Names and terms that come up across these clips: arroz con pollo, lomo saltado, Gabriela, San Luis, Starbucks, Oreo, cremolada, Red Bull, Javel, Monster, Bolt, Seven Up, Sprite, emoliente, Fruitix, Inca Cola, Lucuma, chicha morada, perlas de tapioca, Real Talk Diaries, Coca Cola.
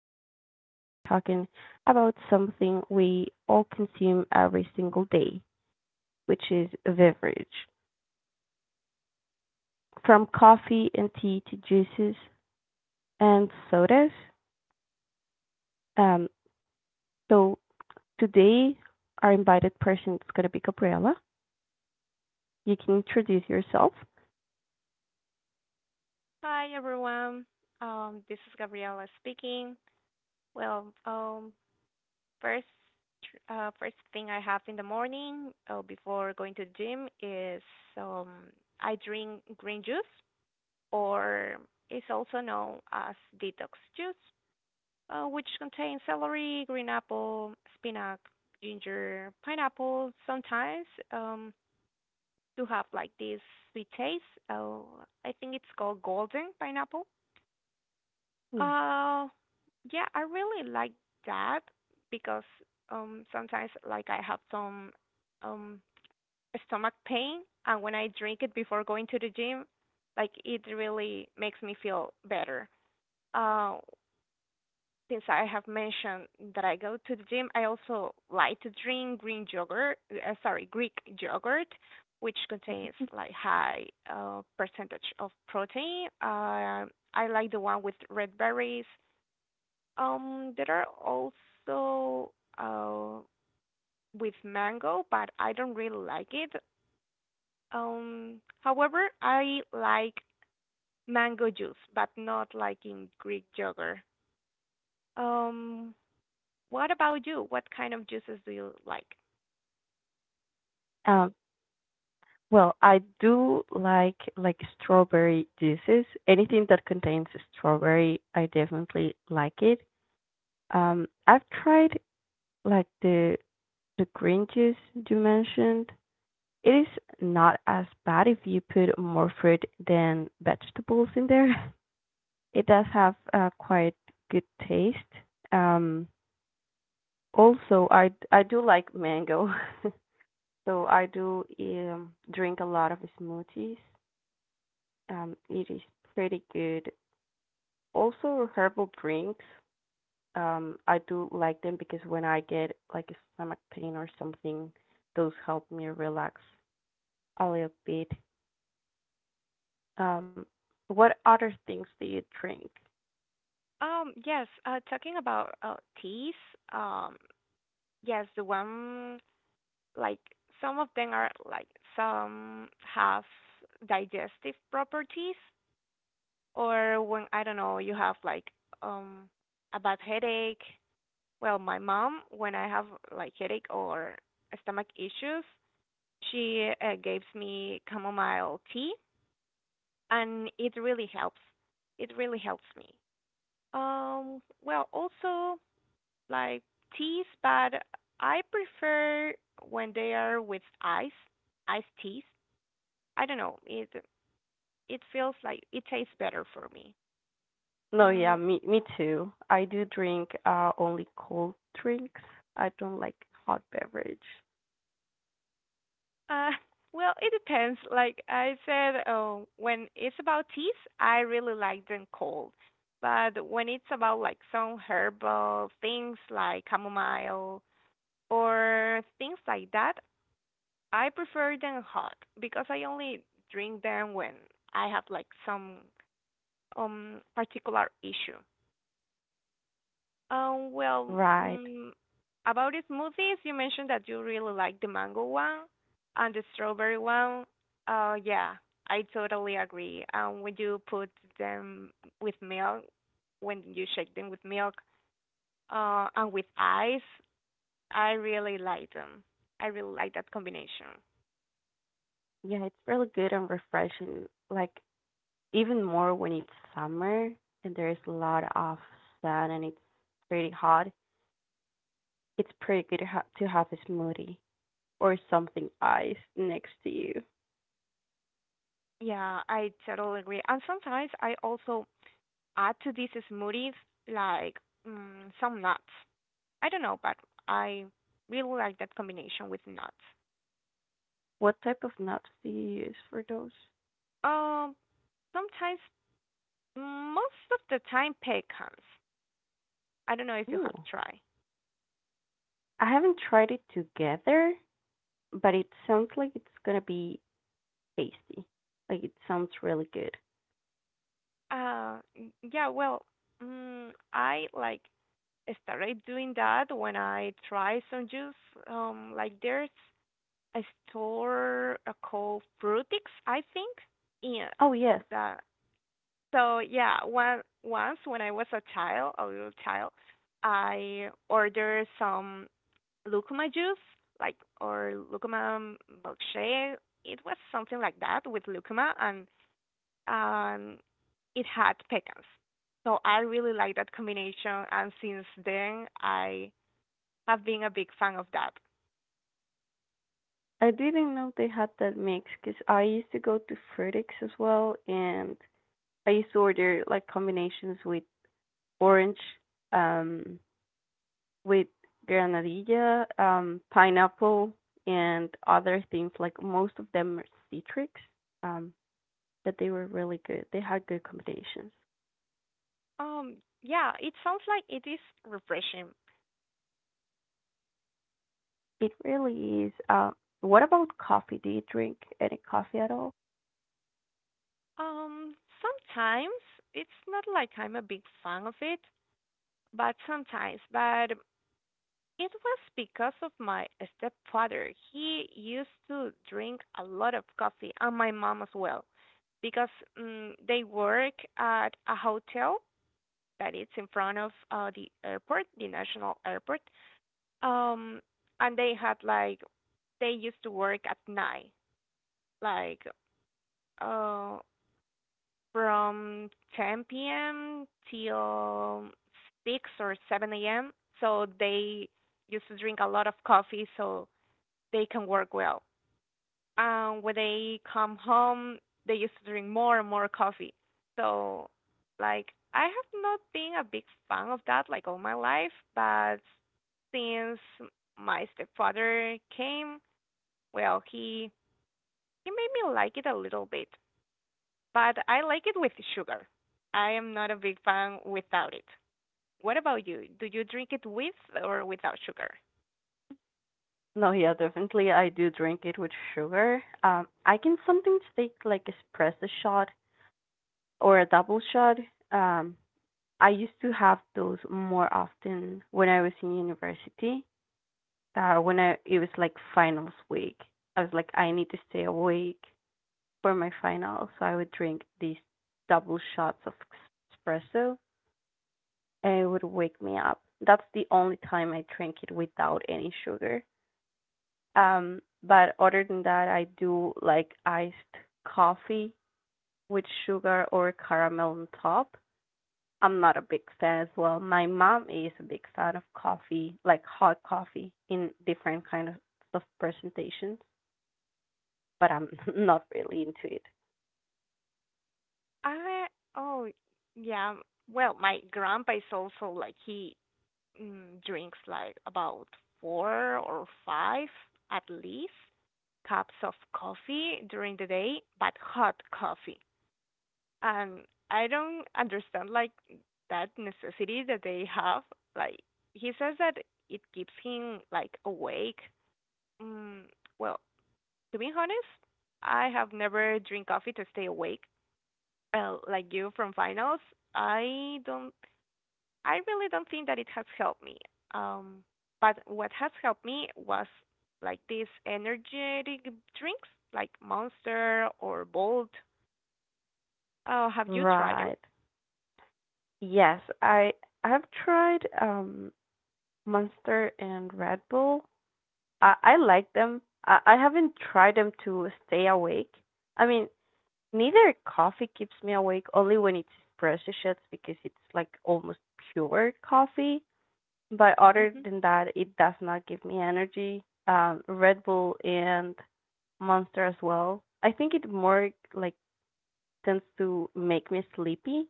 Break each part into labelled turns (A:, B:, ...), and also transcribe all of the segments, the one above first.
A: today we're going to be talking about something we all consume every single day, which is a beverage. From coffee and tea to juices and sodas. Um, so, today, our invited person is going to be Gabriela. You can introduce yourself.
B: Hi, everyone. This is Gabriela speaking. Well, first, first thing I have in the morning, before going to the gym is, um, I drink green juice, or it's also known as detox juice, which contains celery, green apple, spinach, ginger, pineapple. Sometimes, um, to have like this sweet taste. Uh, I think it's called golden pineapple.
A: Mm.
B: Uh, yeah, I really like that because sometimes like I have some um stomach pain and when I drink it before going to the gym, like it really makes me feel better. Uh, since I have mentioned that I go to the gym, I also like to drink green yogurt, sorry, Greek yogurt, which contains like high percentage of protein. I like the one with red berries. There are also uh with mango, but I don't really like it. However, I like mango juice, but not like in Greek yogurt. Um, what about you? What kind of juices do you like?
A: Um, Well, I do like strawberry juices. Anything that contains strawberry, I definitely like it. I've tried like the green juice you mentioned. It is not as bad if you put more fruit than vegetables in there. It does have quite good taste. Um, Also, I do like mango, so I do drink a lot of smoothies. It is pretty good. Also, herbal drinks. I do like them because when I get like a stomach pain or something, those help me relax a little bit. Um, what other things do you drink?
B: Yes, talking about teas, um, yes, the one like some of them are like some have digestive properties, or when I don't know, you have like um a bad headache. Well, my mom, when I have like headache or stomach issues, she gives me chamomile tea, and it really helps. It really helps me. Well, also like teas, but I prefer when they are with ice, iced teas. I don't know, it feels like it tastes better for me.
A: No, yeah,
B: Mm.
A: me too. I do drink only cold drinks. I don't like hot beverage.
B: Uh, well, it depends. Like I said, when it's about teas, I really like them cold. But when it's about like some herbal things like chamomile or things like that, I prefer them hot because I only drink them when I have like some particular issue. Well,
A: Right.
B: about the smoothies, you mentioned that you really like the mango one and the strawberry one. Yeah, I totally agree. When you put them with milk, when you shake them with milk, and with ice, I really like them. I really like that combination.
A: Yeah, it's really good and refreshing. Like even more when it's summer and there's a lot of sun and it's pretty hot, it's pretty good to have a smoothie or something iced next to you.
B: Yeah, I totally agree. And sometimes I also add to these smoothies like some nuts. I don't know, but I really like that combination with nuts.
A: What type of nuts do you use for those?
B: Um, Sometimes, most of the time, pecans. I don't know if you have
A: Ooh,
B: tried.
A: I haven't tried it together, but it sounds like it's gonna be tasty. Like it sounds really good.
B: Uh, yeah, well, I like started doing that when I try some juice. Like there's a store called Fruitix, I think. Yeah,
A: Oh yes,
B: that. So yeah, one once when I was a child, a little child, I ordered some Lucuma juice, like or Lucuma milkshake. It was something like that with Lucuma, and um, it had pecans. So I really like that combination, and since then I have been a big fan of that.
A: I didn't know they had that mix because I used to go to Fruitix as well, and I used to order like combinations with orange, um, with granadilla, pineapple, and other things. Like most of them are citrus, um, but they were really good. They had good combinations.
B: Um, yeah, it sounds like it is refreshing.
A: It really is. What about coffee? Do you drink any coffee at all?
B: Um, Sometimes it's not like I'm a big fan of it, but sometimes. But it was because of my stepfather. He used to drink a lot of coffee, and my mom as well, because they work at a hotel that it's in front of the airport, the national airport. Um, and they had like they used to work at night, like uh from 10 p.m. till 6 or 7 a.m. So they used to drink a lot of coffee, so they can work well. When they come home, they used to drink more and more coffee. So, like, I have not been a big fan of that like all my life, but since my stepfather came, well, he made me like it a little bit, but I like it with sugar. I am not a big fan without it. What about you? Do you drink it with or without sugar?
A: No, yeah, definitely. I do drink it with sugar. I can sometimes take like espresso shot or a double shot. Um, I used to have those more often when I was in university. When I it was like finals week. I was like, I need to stay awake for my finals, so I would drink these double shots of espresso, and it would wake me up. That's the only time I drink it without any sugar. But other than that, I do like iced coffee with sugar or caramel on top. I'm not a big fan as well. My mom is a big fan of coffee, like hot coffee in different kind of presentations, but I'm not really into it.
B: I Oh, yeah. Well, my grandpa is also like he drinks like about four or five at least cups of coffee during the day, but hot coffee. And I don't understand like that necessity that they have. Like he says that it keeps him like awake. Mm, well, to be honest, I have never drink coffee to stay awake. Like you from finals, I don't I really don't think that it has helped me. Um, but what has helped me was like these energetic drinks, like Monster or Bolt. Oh, have you tried them?
A: Right. Yes, I've tried Monster and Red Bull. I like them. I haven't tried them to stay awake. I mean, neither coffee keeps me awake only when it's espresso shots because it's like almost pure coffee, but other
B: Mm-hmm.
A: than that it does not give me energy. Red Bull and Monster as well. I think it more like tends to make me sleepy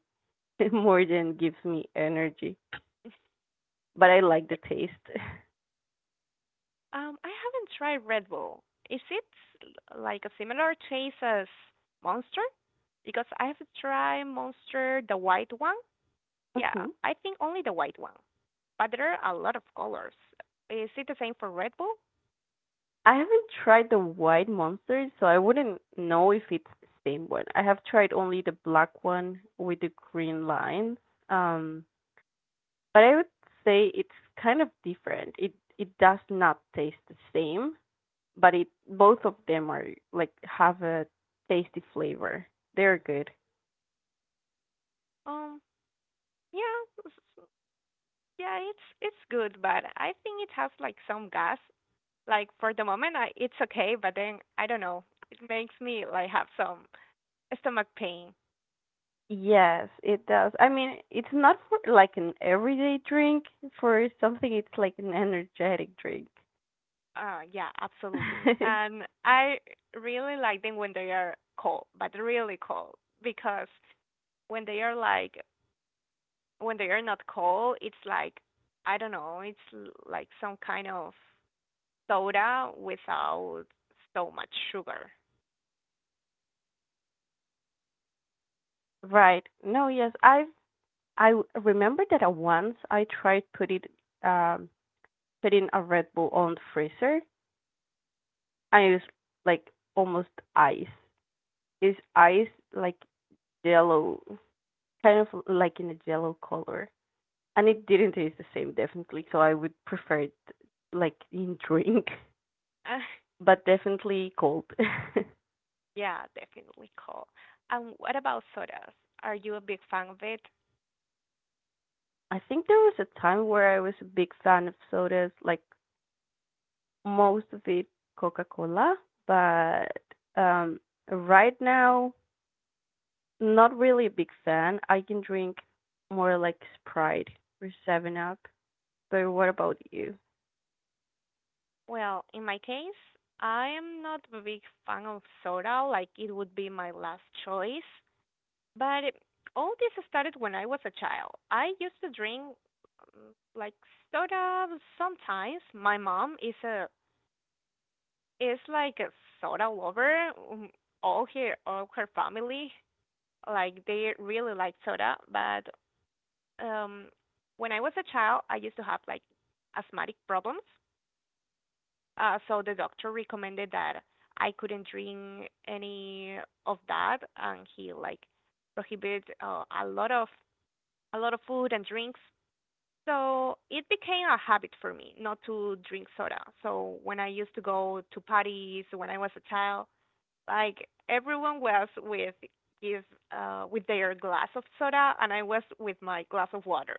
A: more than gives me energy, but I like the taste.
B: I haven't tried Red Bull. Is it like a similar taste as Monster? Because I have tried Monster, the white one. Yeah,
A: Hmm.
B: I think only the white one. But there are a lot of colors. Is it the same for Red Bull?
A: I haven't tried the white monster, so I wouldn't know if it's the same one. I have tried only the black one with the green lines. Um, but I would say it's kind of different. It does not taste the same, but it both of them are like have a tasty flavor. They're good.
B: Um, yeah, s- Yeah, it's good, but I think it has like some gas. Like for the moment, I it's okay, but then I don't know. It makes me like have some stomach pain.
A: Yes, it does. I mean, it's not for like an everyday drink. For something, it's like an energetic drink.
B: Yeah, absolutely. And I really like them when they are cold, but really cold, because when they are like when they are not cold, it's like I don't know, like some kind of soda without so much sugar.
A: Right. No, yes. I have remember that I once I tried put it um putting a Red Bull on the freezer. I was like almost ice. It's ice like yellow, kind of like in a yellow color. And it didn't taste the same, definitely. So I would prefer it like in drink. But definitely cold.
B: Yeah, definitely cool. And what about sodas? Are you a big fan of it?
A: I think there was a time where I was a big fan of sodas, like most of it Coca Cola, but right now, not really a big fan. I can drink more like Sprite or Seven Up. But what about you?
B: Well, in my case, I am not a big fan of soda, like it would be my last choice. But all this started when I was a child. I used to drink like soda sometimes. My mom is like a soda lover. All her family, like they really like soda, but um, when I was a child, I used to have like asthmatic problems. So the doctor recommended that I couldn't drink any of that, and he like prohibited a lot of food and drinks. So it became a habit for me not to drink soda. So when I used to go to parties when I was a child, like everyone was his with their glass of soda and I was with my glass of water.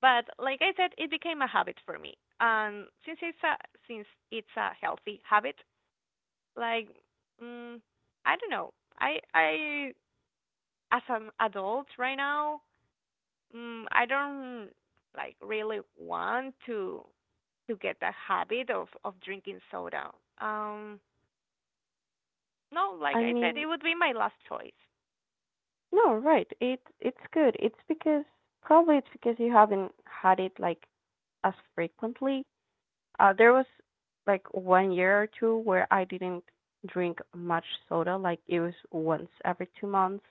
B: But like I said, it became a habit for me. And since it's a healthy habit, like mm, I don't know. I as an adult right now, I don't like really want to get the habit of drinking soda. Um, no, like
A: I
B: I said, it
A: mean,
B: would be my last choice.
A: no, right. It's good. It's because probably it's because you haven't had it like as frequently. There was like 1 year or two where I didn't drink much soda, like it was once every 2 months,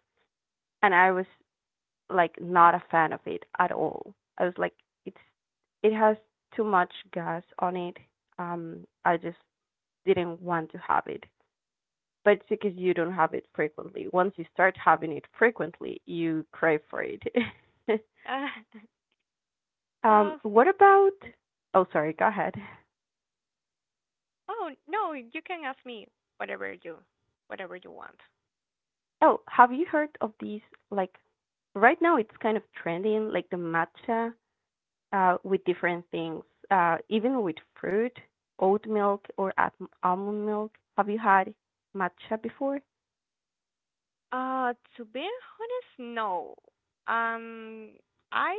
A: and I was like not a fan of it at all. I was like, it's it has too much gas on it. I just didn't want to have it. But it's because you don't have it frequently. Once you start having it frequently, you crave for it.
B: Uh,
A: um,
B: uh,
A: what about? Oh, sorry. Go ahead.
B: oh no, you can ask me whatever you whatever you want.
A: Oh, have you heard of these? Like, right now it's kind of trending, like the matcha, with different things, even with fruit, oat milk, or at almond milk. Have you had matcha before?
B: To be honest, no. Um, I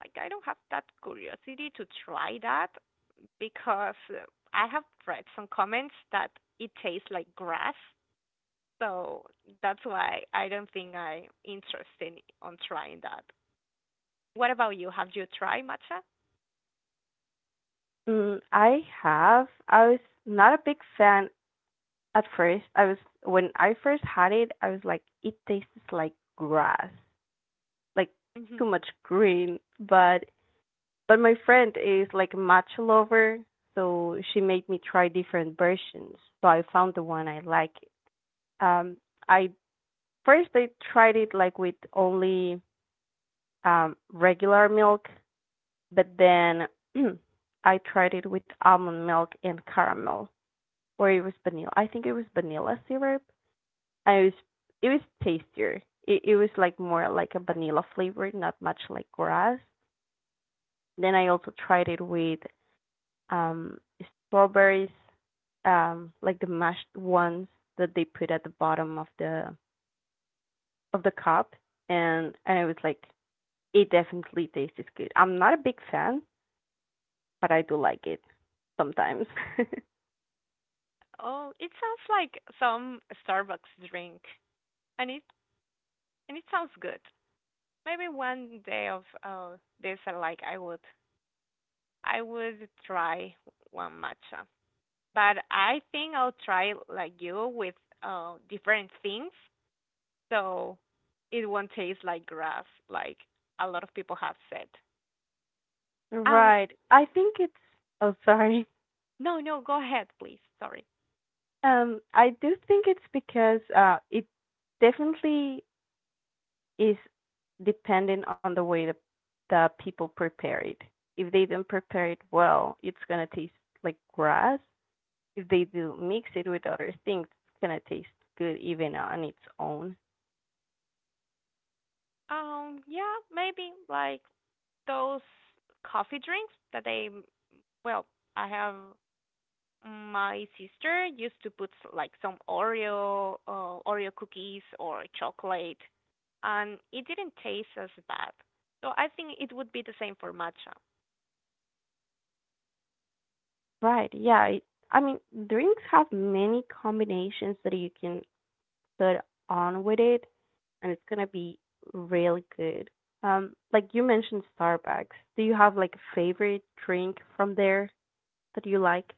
B: I don't have that curiosity to try that because I have read some comments that it tastes like grass, so that's why I don't think I'm interested on trying that. What about you? Have you tried matcha?
A: Mm, I have. I was not a big fan at first. I was When I first had it, I was like, it tastes like grass, like
B: Hmm.
A: too much green. But my friend is like a matcha lover, so she made me try different versions. So I found the one I like. Um, I first I tried it like with only regular milk, but then I tried it with almond milk and caramel, or it was vanilla. I think it was vanilla syrup. And it was tastier. It was like more like a vanilla flavor, not much like grass. Then I also tried it with um strawberries, like the mashed ones that they put at the bottom of the cup, and it was like it definitely tastes good. I'm not a big fan, but I do like it sometimes.
B: Oh, it sounds like some Starbucks drink, and it sounds good. Maybe one day of this, like I would try one matcha, but I think I'll try like you with different things, so it won't taste like grass, like a lot of people have said. Um,
A: Right. I think it's oh, sorry.
B: no, no, go ahead, please. Sorry.
A: I do think it's because it definitely is dependent on the way the people prepare it. If they don't prepare it well, it's gonna taste like grass. If they do mix it with other things, it's gonna taste good even on its own.
B: Yeah, maybe like those coffee drinks that they, well, I have my sister used to put like some Oreo cookies or chocolate, and it didn't taste as bad. So I think it would be the same for matcha.
A: Right, yeah. It, I mean, drinks have many combinations that you can put on with it, and it's gonna be really good. Like you mentioned Starbucks. Do you have like a favorite drink from there that you like?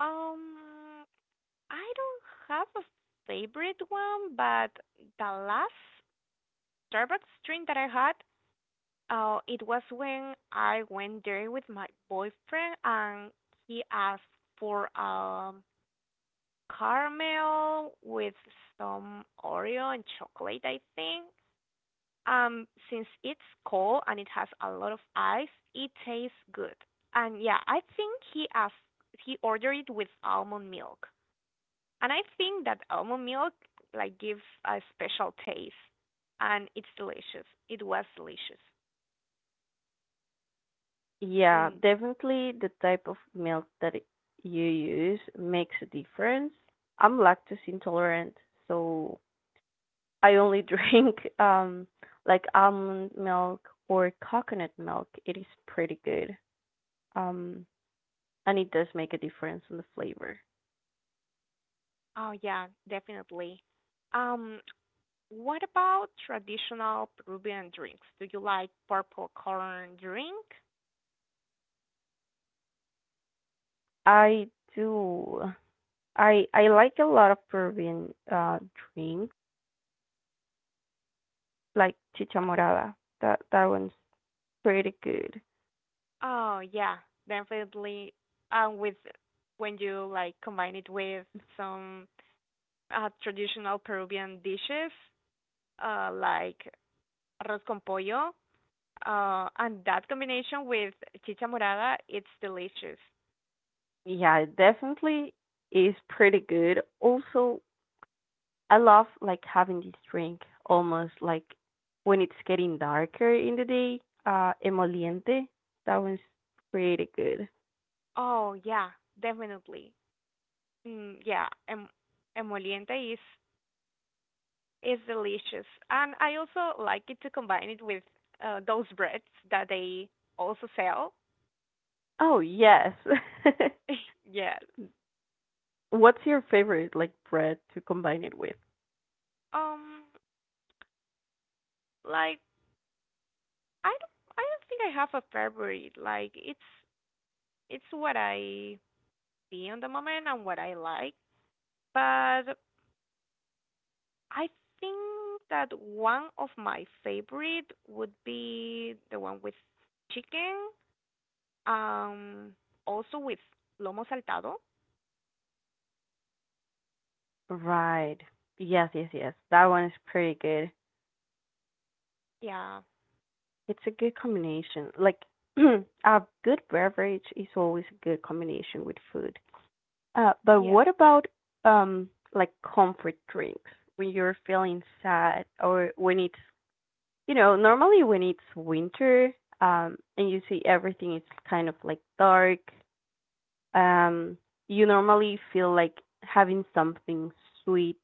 B: Um, I don't have a favorite one, but the last Starbucks drink that I had, it was when I went there with my boyfriend and he asked for caramel with some Oreo and chocolate, I think. Since it's cold and it has a lot of ice, it tastes good. And yeah, I think he ordered it with almond milk. And I think that almond milk like gives a special taste and it's delicious. It was delicious.
A: Yeah,
B: Mm,
A: definitely the type of milk that you use makes a difference. I'm lactose intolerant, so I only drink like almond milk or coconut milk. It is pretty good. Um and it does make a difference in the flavor.
B: oh yeah, definitely. Um, What about traditional Peruvian drinks? Do you like purple corn drink?
A: I do I like a lot of Peruvian drinks like chicha morada. That one's pretty good.
B: Oh yeah, definitely. With When you like combine it with some traditional Peruvian dishes, like arroz con pollo, and that combination with chicha morada, it's delicious.
A: Yeah, it definitely is pretty good. Also, I love like having this drink almost like when it's getting darker in the day. Emoliente. That one's pretty good.
B: Oh yeah, definitely. Mm, yeah, emoliente is, it's delicious. And I also like it to combine it with those breads that they also sell.
A: Oh yes.
B: Yeah.
A: What's your favorite like bread to combine it with?
B: Um like I don't think I have a favorite. Like it's what I see on the moment and what I like. But I think that one of my favorite would be the one with chicken. Um Also with lomo saltado.
A: Right. Yes, yes, yes. That one is pretty good.
B: Yeah.
A: It's a good combination. Like a good beverage is always a good combination with food. But
B: Yeah.
A: what about um like comfort drinks when you're feeling sad, or when it's, normally when it's winter, and you see everything is kind of like dark, um you normally feel like having something sweet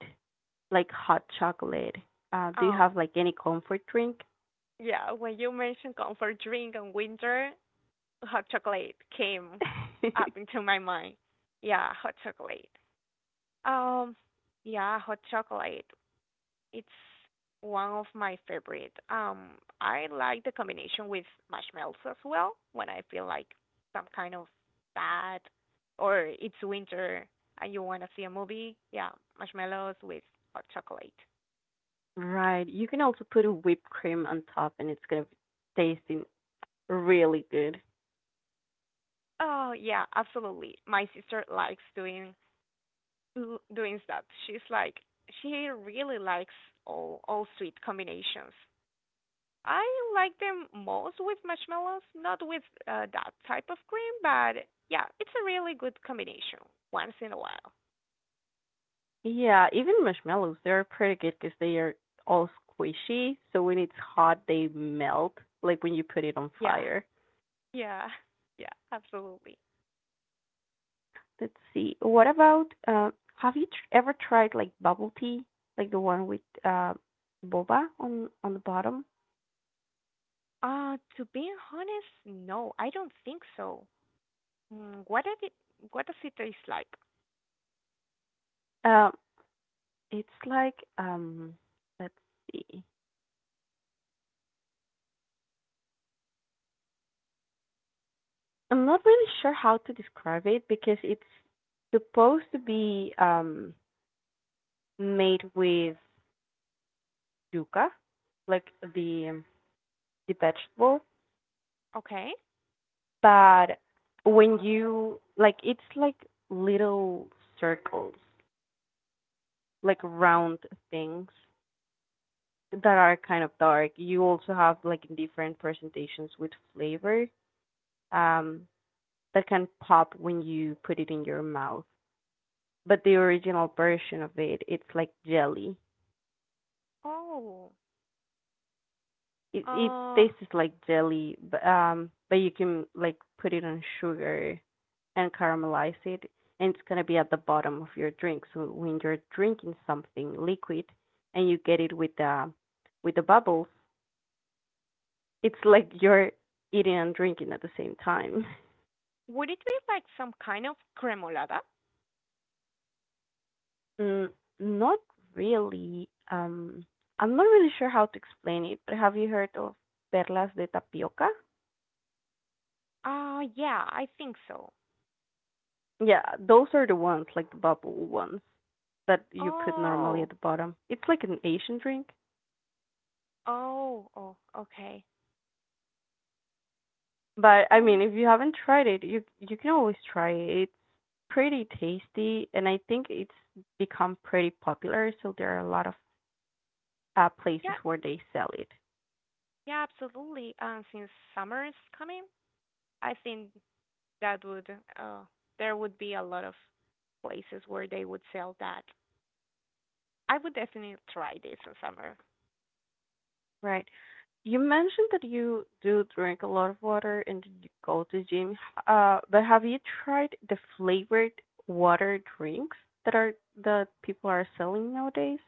A: like hot chocolate. Do you
B: Oh,
A: have like any comfort drink?
B: yeah, when you mentioned comfort drink and winter, hot chocolate came up into my mind. Yeah, hot chocolate. Um, yeah, hot chocolate. It's one of my favorite. I like the combination with marshmallows as well when I feel like some kind of bad or it's winter and you want to see a movie. Yeah, marshmallows with hot chocolate.
A: Right. You can also put a whipped cream on top and it's gonna be tasting really good.
B: Oh, yeah, absolutely. My sister likes doing that. She's like she really likes all sweet combinations. I like them most with marshmallows, not with that type of cream, but yeah, it's a really good combination once in a while.
A: Yeah, even marshmallows, they're pretty good because they are all squishy. So when it's hot, they melt, like when you put it on
B: Yeah,
A: fire.
B: yeah, yeah, absolutely.
A: Let's see. What about, have you ever tried like bubble tea, like the one with boba on the bottom?
B: To be honest, no, I don't think so. Mm, what does it taste like?
A: Um, it's like, let's see. I'm not really sure how to describe it because it's supposed to be made with yuca, like the the vegetable.
B: Okay.
A: But when you like, it's like little circles, like round things that are kind of dark. You also have like different presentations with flavor, um, that can pop when you put it in your mouth. But the original version of it, it's like jelly.
B: Oh,
A: It
B: uh,
A: tastes like jelly, but you can like put it on sugar and caramelize it, and it's gonna be at the bottom of your drink. So when you're drinking something liquid and you get it with the bubbles, it's like you're eating and drinking at the same time.
B: would it be like some kind of cremolada?
A: Mm, not really. I'm not really sure how to explain it, but have you heard of perlas de tapioca?
B: Yeah, I think so.
A: Yeah, those are the ones, like the bubble ones, that you put normally
B: Oh,
A: at the bottom. It's like an Asian drink.
B: oh, oh, okay.
A: But I mean,
B: Um,
A: if you haven't tried it, you can always try it. It's pretty tasty, and I think it's become pretty popular. So there are a lot of places
B: yeah,
A: where they sell it,
B: yeah, absolutely. Since summer is coming, I think that would uh there would be a lot of places where they would sell that. I would definitely try this in summer.
A: right? You mentioned that you do drink a lot of water and you go to gym. But have you tried the flavored water drinks that are that people are selling nowadays?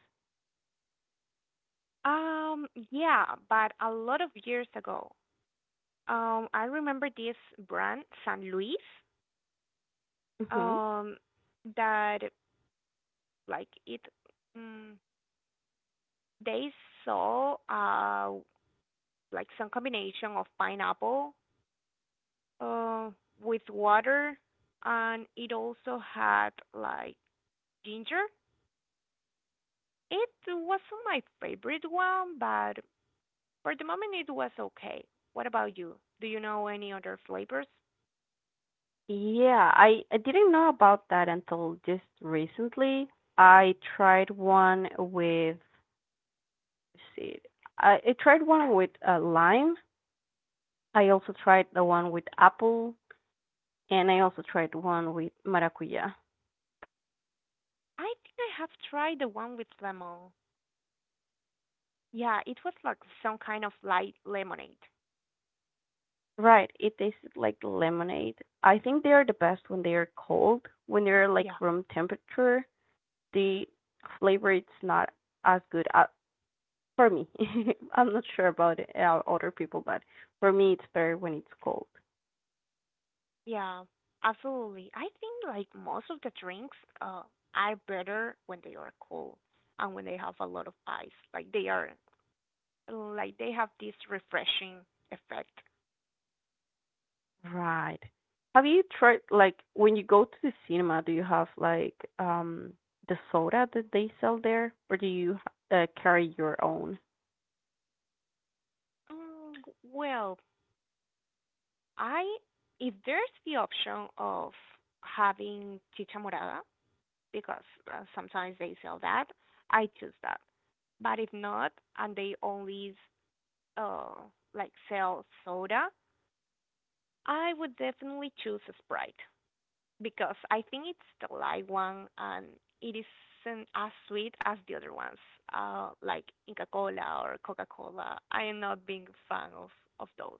B: Um, yeah, but a lot of years ago. I remember this brand, San Luis,
A: Mm-hmm.
B: um, that like it mm, they saw like some combination of pineapple uh with water, and it also had like ginger. It wasn't my favorite one, but for the moment it was okay. What about you? Do you know any other flavors?
A: Yeah, I didn't know about that until just recently. I tried one with, let's see, I tried one with lime. I also tried the one with apple, and I also tried one with maracuya.
B: I think I have tried the one with lemon. Yeah, it was like some kind of light lemonade.
A: Right, it tasted like lemonade. I think they are the best when they are cold. When they're like
B: Yeah.
A: room temperature, the flavor it's not as good, for me. I'm not sure about other people, but for me it's better when it's cold.
B: Yeah, absolutely. I think like most of the drinks are better when they are cold and when they have a lot of ice. Like they are like they have this refreshing effect.
A: Right. Have you tried like when you go to the cinema, do you have like the soda that they sell there, or do you carry your own?
B: Mm, well, I if there's the option of having chicha morada because sometimes they sell that, I choose that. But if not and they only uh like sell soda, I would definitely choose Sprite, because I think it's the light one and it isn't as sweet as the other ones, like Inca Cola or Coca Cola. I am not being a fan of those.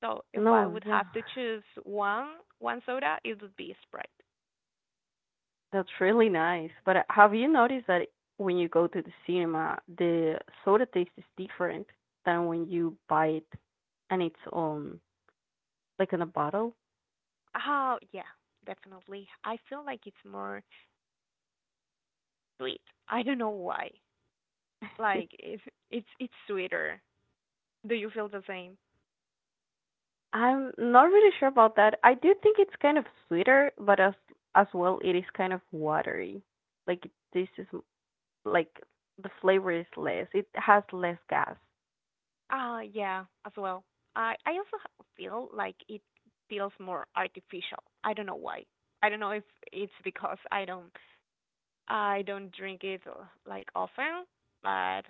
B: So if I
A: No,
B: would
A: yeah,
B: have to choose one soda, it would be Sprite.
A: that's really nice. But have you noticed that when you go to the cinema, the soda taste is different than when you buy it on its own, like in a bottle?
B: Oh yeah, definitely. I feel like it's more sweet. I don't know why. Like it's it's it's sweeter. Do you feel the same?
A: I'm not really sure about that. I do think it's kind of sweeter, but as well, it is kind of watery. Like it tastes like the flavor is less. It has less gas.
B: Yeah, as well. I also feel like it feels more artificial. I don't know why. I don't know if it's because I don't drink it like often, but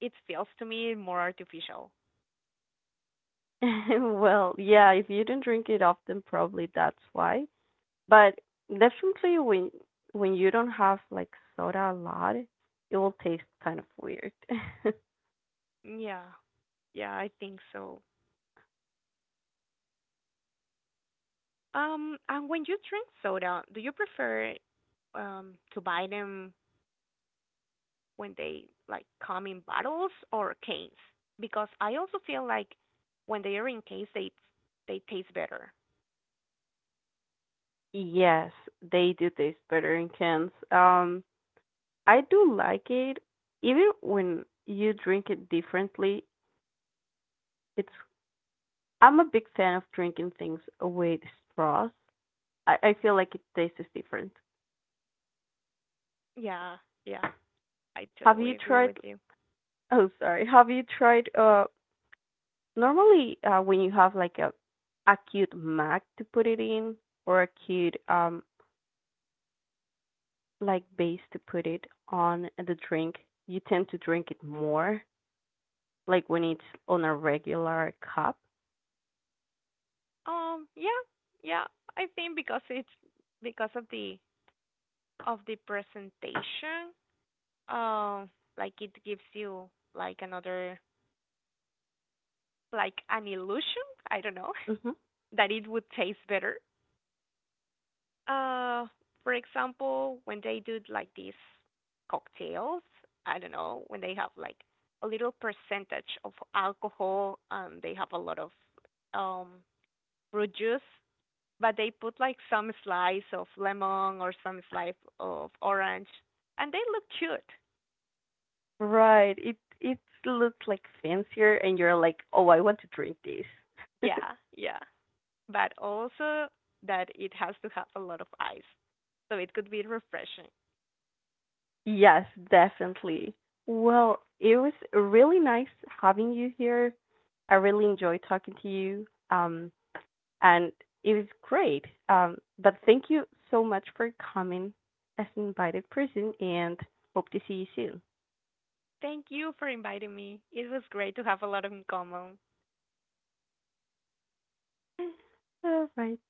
B: it feels to me more artificial.
A: Well, yeah, if you don't drink it often, probably that's why. But definitely when you don't have like soda a lot, it will taste kind of weird.
B: Yeah, yeah, I think so. And when you drink soda, do you prefer to buy them when they like come in bottles or cans? Because I also feel like when they are in cans, they taste better.
A: Yes, they do taste better in cans. I do like it even when you drink it differently. It's I'm a big fan of drinking things with straws. I feel like it tastes different.
B: Yeah, yeah, I
A: Have
B: totally
A: you
B: agree
A: tried?
B: with you.
A: Oh, sorry. Have you tried? Normally, when you have like a acute mac to put it in or acute like base to put it on the drink, you tend to drink it more. Like when it's on a regular cup.
B: Yeah, yeah, I think because it's because of the presentation, um, like it gives you like another like an illusion, I don't know,
A: Hmm.
B: that it would taste better. Uh, for example, when they do like these cocktails, I don't know, when they have like a little percentage of alcohol and they have a lot of um fruit juice, but they put like some slice of lemon or some slice of orange, and they look cute.
A: Right. It looks like fancier, and you're like, oh, I want to drink this.
B: Yeah, yeah. But also that it has to have a lot of ice. So it could be refreshing.
A: Yes, definitely. Well, it was really nice having you here. I really enjoyed talking to you. And it was great. But thank you so much for coming as an invited person and hope to see you soon.
B: Thank you for inviting me. It was great to have a lot in common.
A: All right.